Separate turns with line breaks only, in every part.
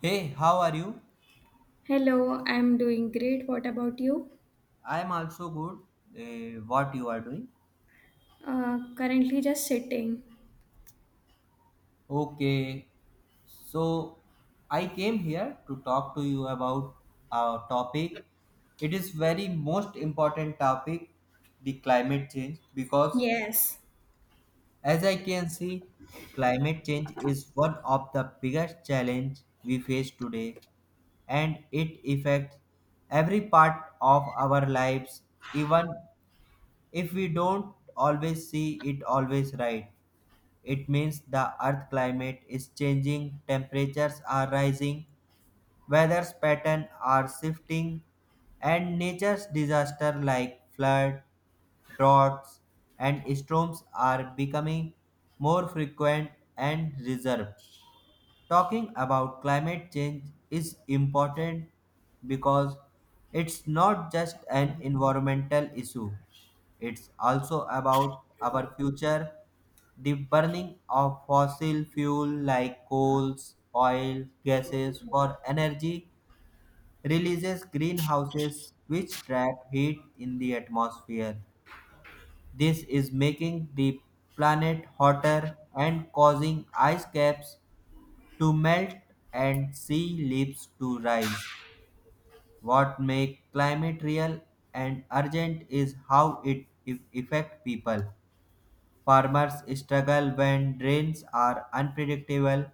Hey, how are you?
Hello, I'm doing great. What about you?
I am also good. What you are doing?
Currently just sitting.
Okay. So I came here to talk to you about our topic. It is very most important topic, the climate change, because
Yes.
as I can see, climate change is one of the biggest challenge we face today, and it affects every part of our lives, even if we don't always see it always right, it means the earth climate is changing, temperatures are rising, weather's patterns are shifting, and nature's disaster like flood, droughts, and storms are becoming more frequent and reserved. Talking about climate change is important because it's not just an environmental issue, it's also about our future. The burning of fossil fuel like coals, oil, gases for energy releases greenhouses which trap heat in the atmosphere. This is making the planet hotter and causing ice caps to melt and sea leaves to rise. What makes climate real and urgent is how it affects people. Farmers struggle when rains are unpredictable,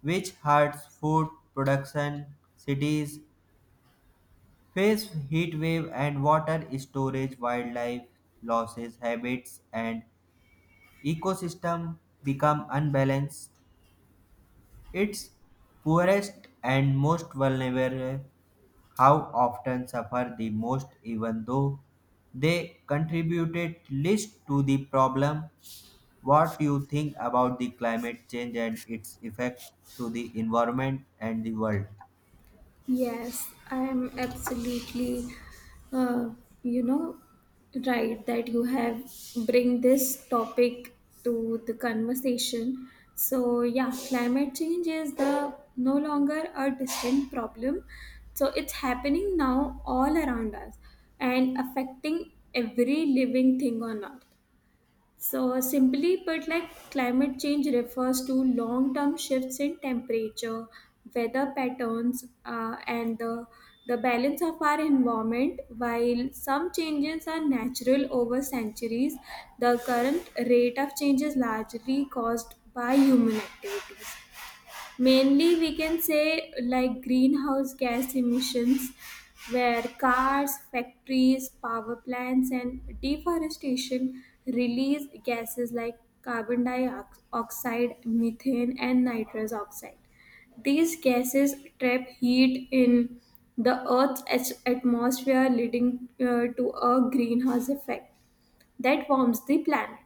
which hurts food production. Cities face heat wave and water storage, wildlife losses, habits, and ecosystem become unbalanced. Its poorest and most vulnerable have often suffered the most, even though they contributed least to the problem. What do you think about the climate change and its effect to the environment and the world?
Yes, I'm absolutely, uh, you know, right that you have bring this topic to the conversation. So yeah, climate change is the no longer a distant problem. So it's happening now all around us and affecting every living thing on earth. So, simply put, like climate change refers to long term shifts in temperature, weather patterns, and the balance of our environment. While some changes are natural over centuries, the current rate of change is largely caused by human activities. Mainly, we can say like greenhouse gas emissions, where cars, factories, power plants, and deforestation release gases like carbon dioxide, methane, and nitrous oxide. These gases trap heat in the atmosphere, leading to a greenhouse effect that warms the planet.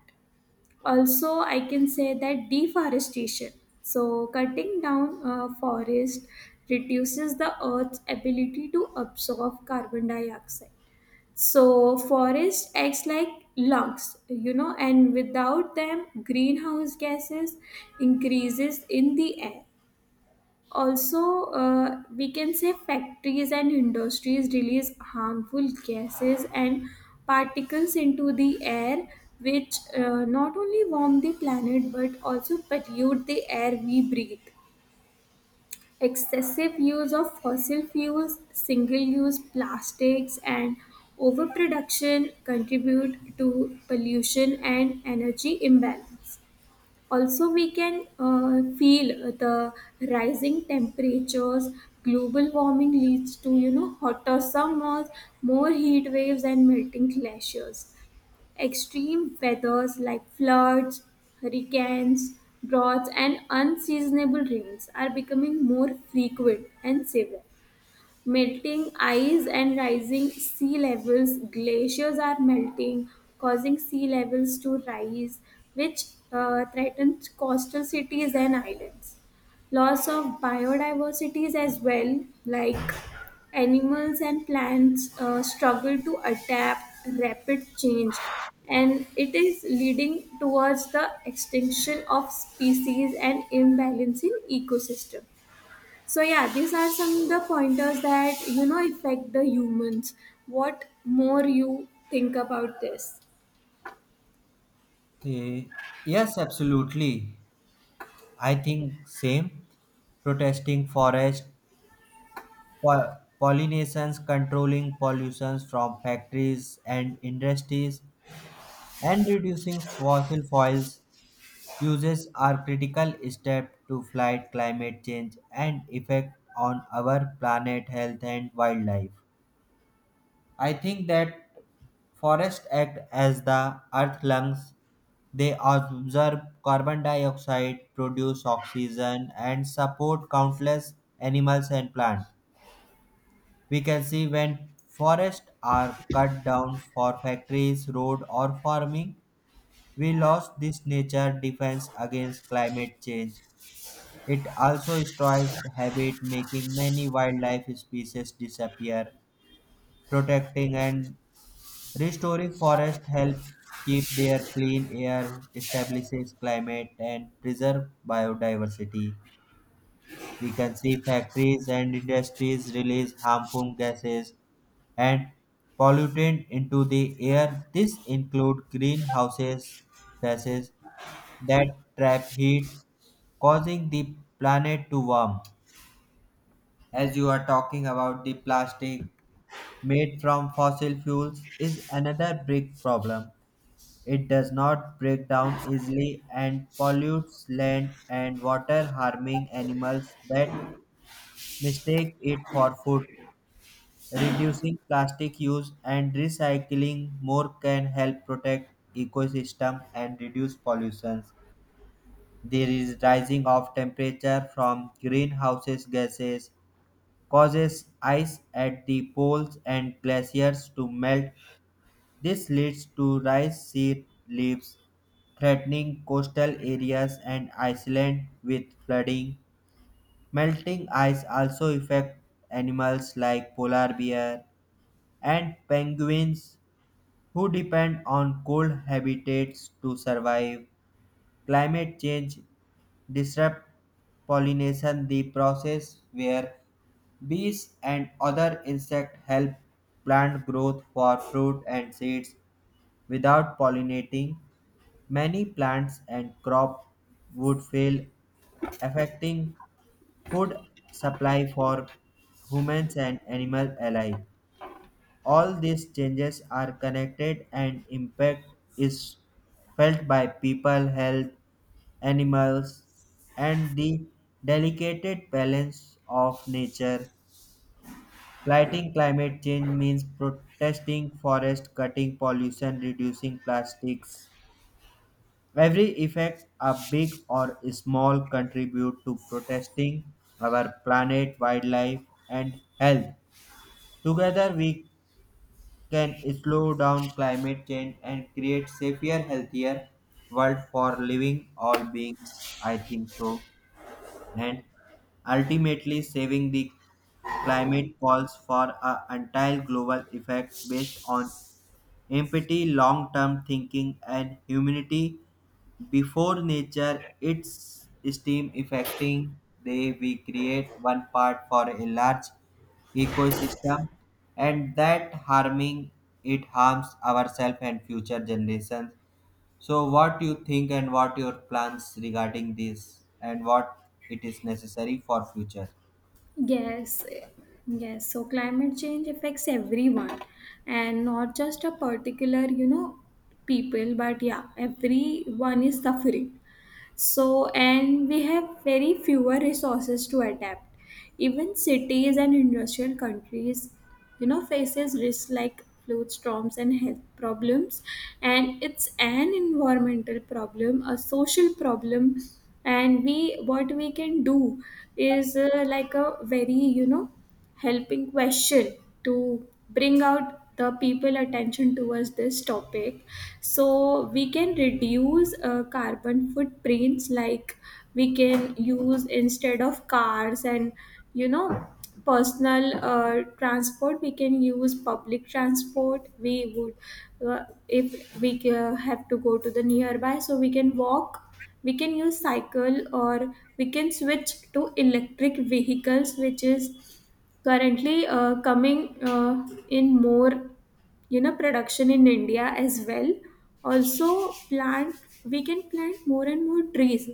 Also, I can say that deforestation, so cutting down forest, reduces the earth's ability to absorb carbon dioxide. So forest acts like lungs, you know, and without them greenhouse gases increases in the air. Also, we can say factories and industries release harmful gases and particles into the air, which not only warm the planet but also pollute the air we breathe. Excessive use of fossil fuels, single use plastics, and overproduction contribute to pollution and energy imbalance. Also, we can feel the rising temperatures. Global warming leads to, you know, hotter summers, more heat waves and melting glaciers. Extreme weathers like floods, hurricanes, droughts and unseasonable rains are becoming more frequent and severe. Melting ice and rising sea levels. Glaciers are melting, causing sea levels to rise, which threatens coastal cities and islands. Loss of biodiversities as well, like animals and plants struggle to adapt rapid change, and it is leading towards the extinction of species and imbalance in ecosystem. So yeah, these are some the pointers that, you know, affect the humans. What more you think about this?
Eh, yes, absolutely. I think same. Protesting forest pollinations, controlling pollutions from factories and industries, and reducing fossil fuels uses are critical step to fight climate change and effect on our planet health and wildlife. I think that forests act as the earth lungs. They absorb carbon dioxide, produce oxygen, and support countless animals and plants. We can see when forests are cut down for factories, road, or farming, we lost this nature defense against climate change. It also destroys habit, making many wildlife species disappear. Protecting and restoring forests help keep their clean air, stabilizes climate, and preserve biodiversity. We can see factories and industries release harmful gases and pollutant into the air. This include greenhouses gases that trap heat, causing the planet to warm. As you are talking about, the plastic made from fossil fuels is another big problem. It does not break down easily and pollutes land and water, harming animals that mistake it for food. Reducing plastic use and recycling more can help protect ecosystem and reduce pollution. There is rising of temperature from greenhouse gases causes ice at the poles and glaciers to melt. This leads to rice sea leaves threatening coastal areas and Iceland with flooding. Melting ice also affects animals like polar bear and penguins who depend on cold habitats to survive. Climate change disrupt pollination, the process where bees and other insects help plant growth for fruit and seeds. Without pollinating, many plants and crop would fail, affecting food supply for humans and animals alike. All these changes are connected and impact is felt by people health, animals, and the delicate balance of nature. Fighting climate change means protesting forest, cutting pollution, reducing plastics. Every effect, a big or small, contribute to protesting our planet, wildlife, and health. Together, we can slow down climate change and create safer, healthier world for living all beings. I think so, and ultimately saving the climate calls for an entire global effect based on empathy, long term thinking, and humanity before nature its steam affecting. They we create one part for a large ecosystem, and that harming, it harms ourselves and future generations. So what you think and what your plans regarding this, and what it is necessary for future?
Yes, yes. So climate change affects everyone and not just a particular, you know, people, but yeah, everyone is suffering. So and we have very fewer resources to adapt. Even cities and industrial countries, you know, faces risks like flood storms and health problems, and it's an environmental problem, a social problem. And we, what we can do is like a very, you know, helping question to bring out the people attention towards this topic. So we can reduce carbon footprints, like we can use instead of cars and, you know, personal transport, we can use public transport. We would if we have to go to the nearby, so we can walk, we can use cycle, or we can switch to electric vehicles which is currently coming in more, you know, production in india as well. Also, plant, we can plant more and more trees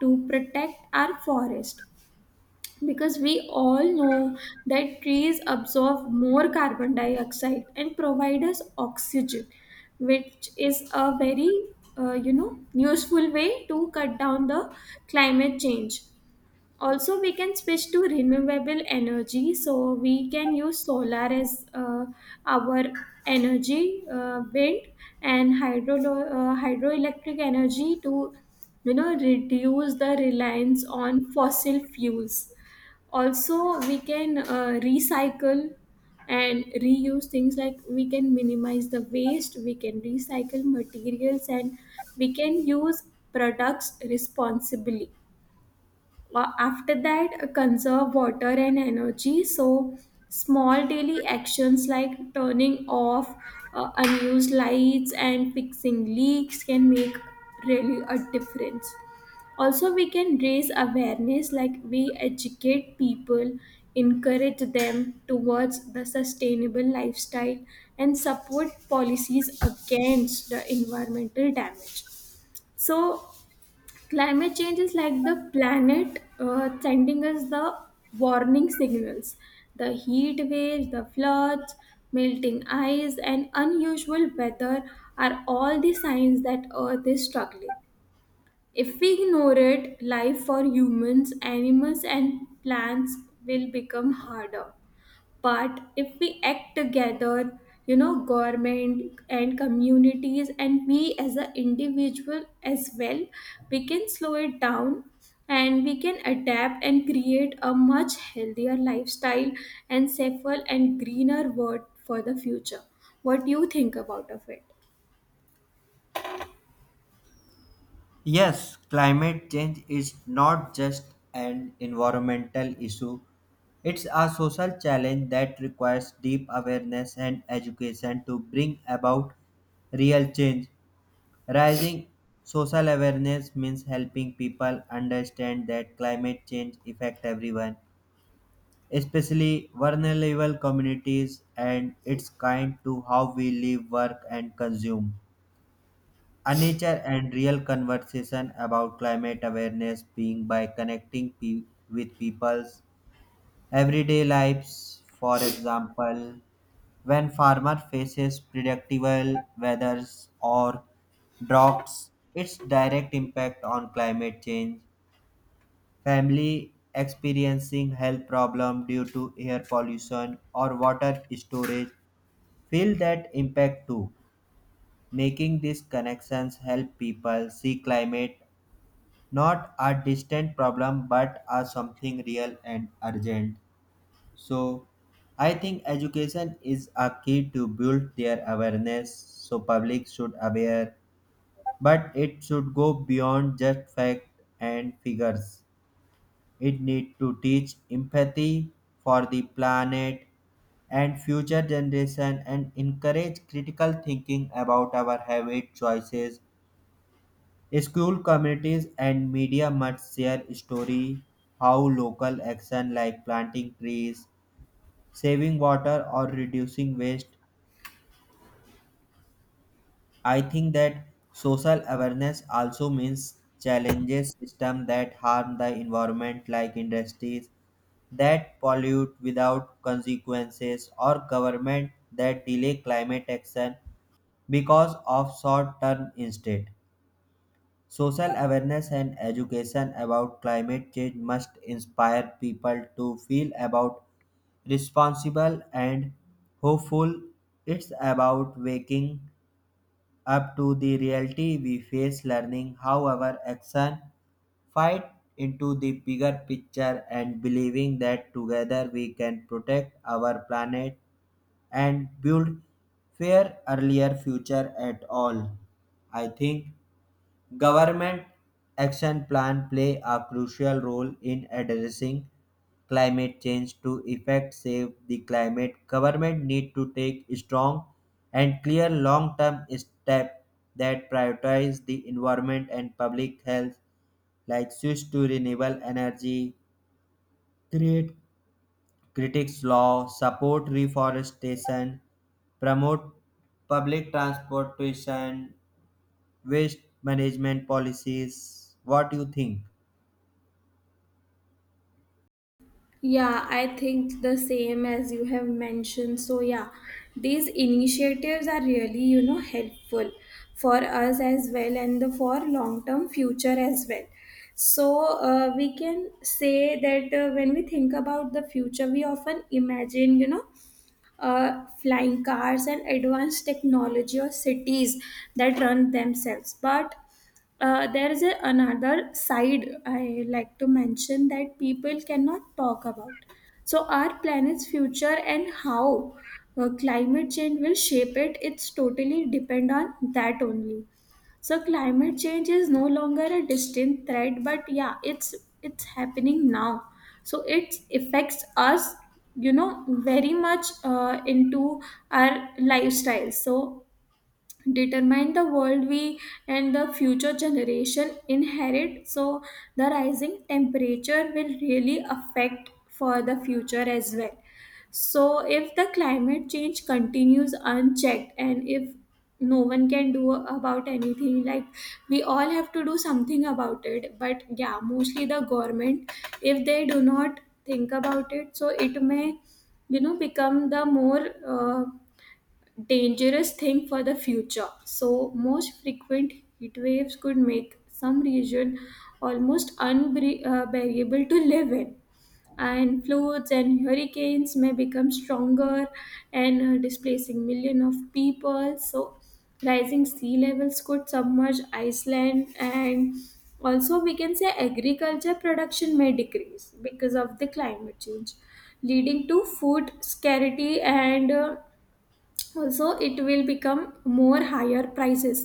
to protect our forest, because we all know that trees absorb more carbon dioxide and provide us oxygen, which is a very you know, useful way to cut down the climate change. Also, we can switch to renewable energy, so we can use solar as our energy, wind and hydroelectric energy to, you know, reduce the reliance on fossil fuels. Also, we can recycle and reuse things, like we can minimize the waste, we can recycle materials, and we can use products responsibly. After that, conserve water and energy. So, small daily actions like turning off unused lights and fixing leaks can make really a difference. Also, we can raise awareness, like we educate people, encourage them towards the sustainable lifestyle, and support policies against the environmental damage. So, climate change is like the planet sending us the warning signals. The heat waves, the floods, melting ice, and unusual weather are all the signs that Earth is struggling. If we ignore it, life for humans, animals, and plants will become harder. But if we act together, you know, government and communities and we as an individual as well, we can slow it down, and we can adapt and create a much healthier lifestyle and safer and greener world for the future. What do you think about of it?
Yes, climate change is not just an environmental issue. It's a social challenge that requires deep awareness and education to bring about real change. Rising social awareness means helping people understand that climate change affects everyone, especially vulnerable communities, and it's kind to how we live, work, and consume. A nature and real conversation about climate awareness being by connecting with people's everyday lives. For example, when farmer faces predictable weathers or droughts, its direct impact on climate change, family experiencing health problem due to air pollution or water storage feel that impact too. Making these connections help people see climate not a distant problem but as something real and urgent. So I think education is a key to build their awareness, so public should aware, but it should go beyond just fact and figures. It need to teach empathy for the planet and future generation and encourage critical thinking about our habit choices. School communities and media must share story how local action like planting trees, saving water, or reducing waste. I think that social awareness also means challenges system that harm the environment, like industries that pollute without consequences or government that delay climate action because of short term instead. Social awareness and education about climate change must inspire people to feel about responsible and hopeful. It's about waking up to the reality we face, learning how our action fight into the bigger picture, and believing that together we can protect our planet and build fair earlier future at all. I think government action plans play a crucial role in addressing climate change to effect save the climate. Government need to take strong and clear long-term steps that prioritize the environment and public health, like switch to renewable energy, create critics law, support reforestation, promote public transportation, waste management policies. What do you think?
Yeah, I think the same as you have mentioned. So, yeah, these initiatives are really, you know, helpful for us as well and the, for long term future as well. So, we can say that when we think about the future, we often imagine, you know, flying cars and advanced technology or cities that run themselves. But there is a, another side I like to mention that people cannot talk about. So, our planet's future and how climate change will shape it, it's totally depend on that only. So climate change is no longer a distant threat, but yeah, it's happening now. So it affects us, you know, very much into our lifestyle. So determine the world we and the future generation inherit. So the rising temperature will really affect for the future as well. So if the climate change continues unchecked, and if no one can do about anything, like we all have to do something about it, but yeah, mostly the government, if they do not think about it, so it may, you know, become the more dangerous thing for the future. So, most frequent heat waves could make some region almost unbearable to live in, and floods and hurricanes may become stronger and displacing million of people. So, rising sea levels could submerge Iceland, and also we can say agriculture production may decrease because of the climate change, leading to food scarcity and also it will become more higher prices,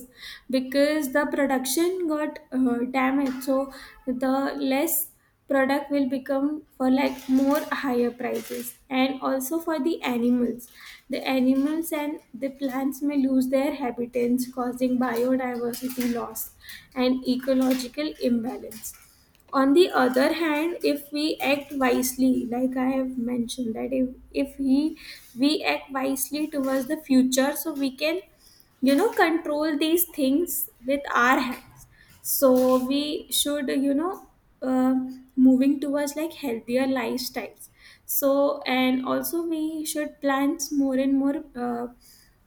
because the production got damaged. So the less product will become for like more higher prices, and also for the animals, the animals and the plants may lose their habitats, causing biodiversity loss and ecological imbalance. On the other hand, if we act wisely, like I have mentioned, that if he we act wisely towards the future, so we can, you know, control these things with our hands. So we should, you know, uh, moving towards like healthier lifestyles. So and also we should plant more and more uh,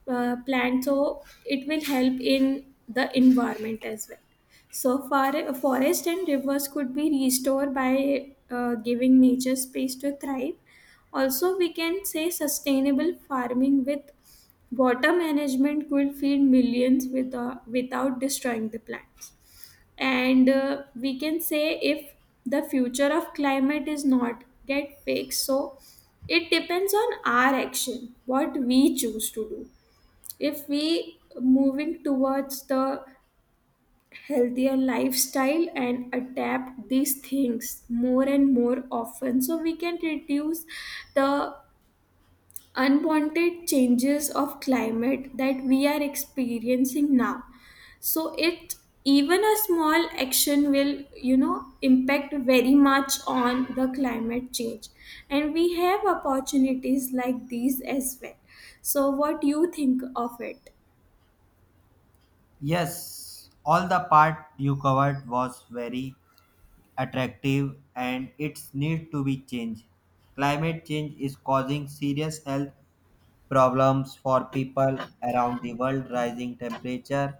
uh, plants, so it will help in the environment as well. So, forest and rivers could be restored by giving nature space to thrive. Also, we can say sustainable farming with water management could feed millions with, without destroying the plants. And we can say if the future of climate is not get fixed, so it depends on our action, what we choose to do. If we moving towards the healthier lifestyle and adapt these things more and more often, so we can reduce the unwanted changes of climate that we are experiencing now. So it, even a small action will, you know, impact very much on the climate change, and we have opportunities like these as well. So what do you think of it?
Yes, all the part you covered was very attractive and it's need to be changed. Climate change is causing serious health problems for people around the world. Rising temperature,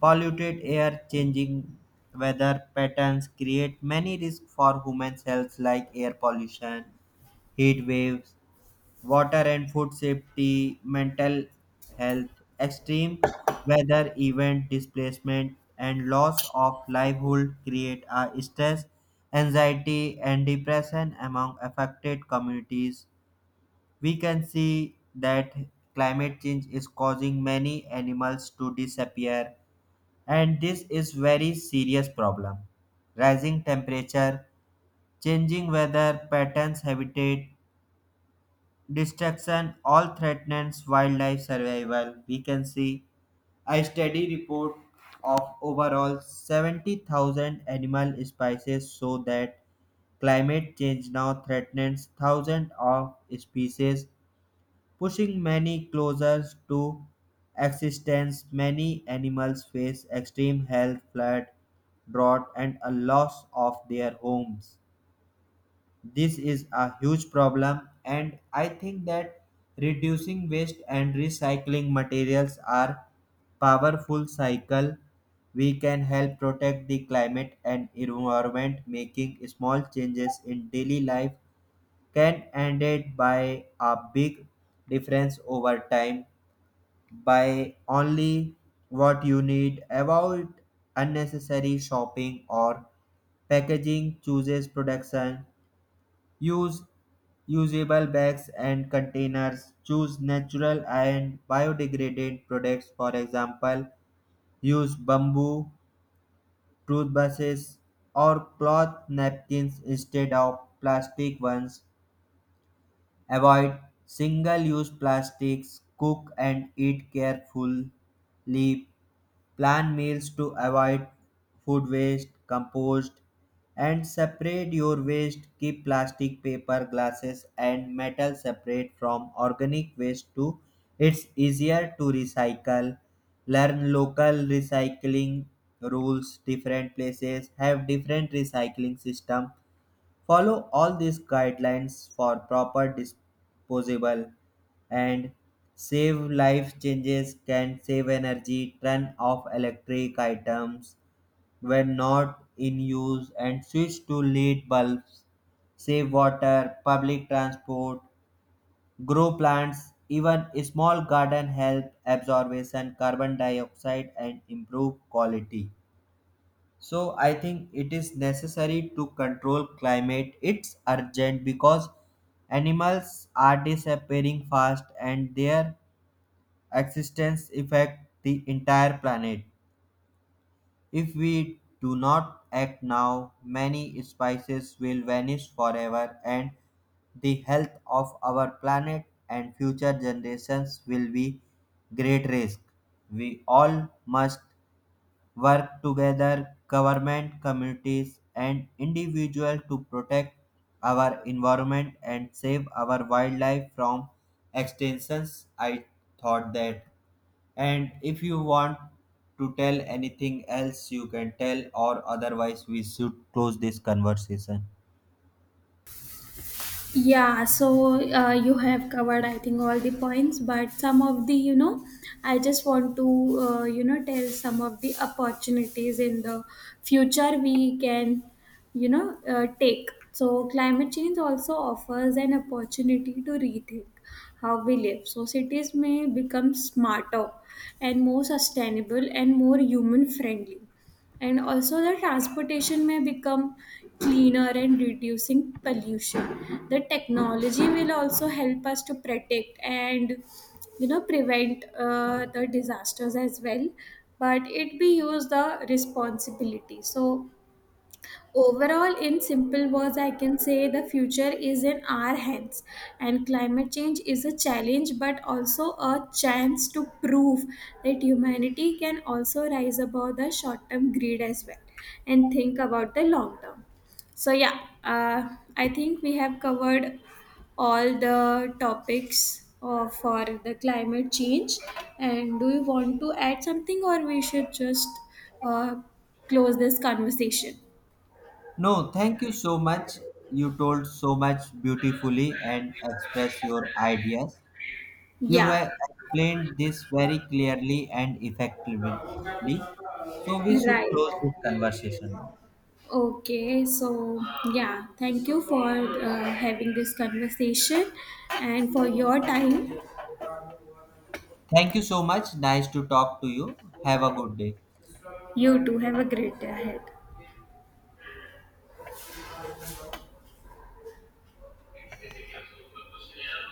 polluted air, changing weather patterns create many risks for humans' health like air pollution, heat waves, water and food safety, mental health, extreme weather event, displacement, and loss of livelihood create a stress, anxiety, and depression among affected communities. We can see that climate change is causing many animals to disappear, and this is very serious problem. Rising temperature, changing weather patterns, habitat destruction all threatens wildlife survival. We can see a study report of overall 70,000 animal species show that climate change now threatens thousands of species, pushing many closer to existence. Many animals face extreme health, flood, drought, and a loss of their homes. This is a huge problem, and I think that reducing waste and recycling materials are powerful cycle. We can help protect the climate and environment. Making small changes in daily life can end it by a big difference over time. By only what you need, avoid unnecessary shopping or packaging, chooses production. Use usable bags and containers. Choose natural and biodegradable products. For example, use bamboo toothbrushes or cloth napkins instead of plastic ones. Avoid single use plastics. Cook and eat carefully. Plan meals to avoid food waste, compost, and separate your waste. Keep plastic, paper, glasses, and metal separate from organic waste too. It's easier to recycle. Learn local recycling rules. Different places have different recycling system. Follow all these guidelines for proper disposable. And save life changes can save energy, turn off electric items when not in use and switch to lead bulbs, save water, public transport, grow plants. Even a small garden help absorption carbon dioxide and improve quality. So I think it is necessary to control climate. It's urgent because animals are disappearing fast and their existence affect the entire planet. If we do not act now, many species will vanish forever and the health of our planet and future generations will be great risk. We all must work together, government, communities, and individuals to protect our environment and save our wildlife from extinctions. I thought that. And if you want to tell anything else, you can tell, or otherwise, we should close this conversation.
Yeah, so you have covered, I think, all the points, but some of the, you know, I just want to, you know, tell some of the opportunities in the future we can, you know, take. So, climate change also offers an opportunity to rethink how we live. So, cities may become smarter and more sustainable and more human friendly, and also the transportation may become cleaner and reducing pollution. The technology will also help us to protect and, you know, prevent the disasters as well, but it be used the responsibility. So overall, in simple words, I can say the future is in our hands, and climate change is a challenge but also a chance to prove that humanity can also rise above the short term greed as well and think about the long term. So, yeah, I think we have covered all the topics for the climate change. And do you want to add something, or we should just uh, close this conversation?
No, thank you so much. You told so much beautifully and express your ideas. You
Yeah,
have explained this very clearly and effectively, so we should close
right.
this conversation now.
Okay, so yeah, thank you for having this conversation and for your time.
Thank you so much. Nice to talk to you. Have a good day.
You too have a great day ahead.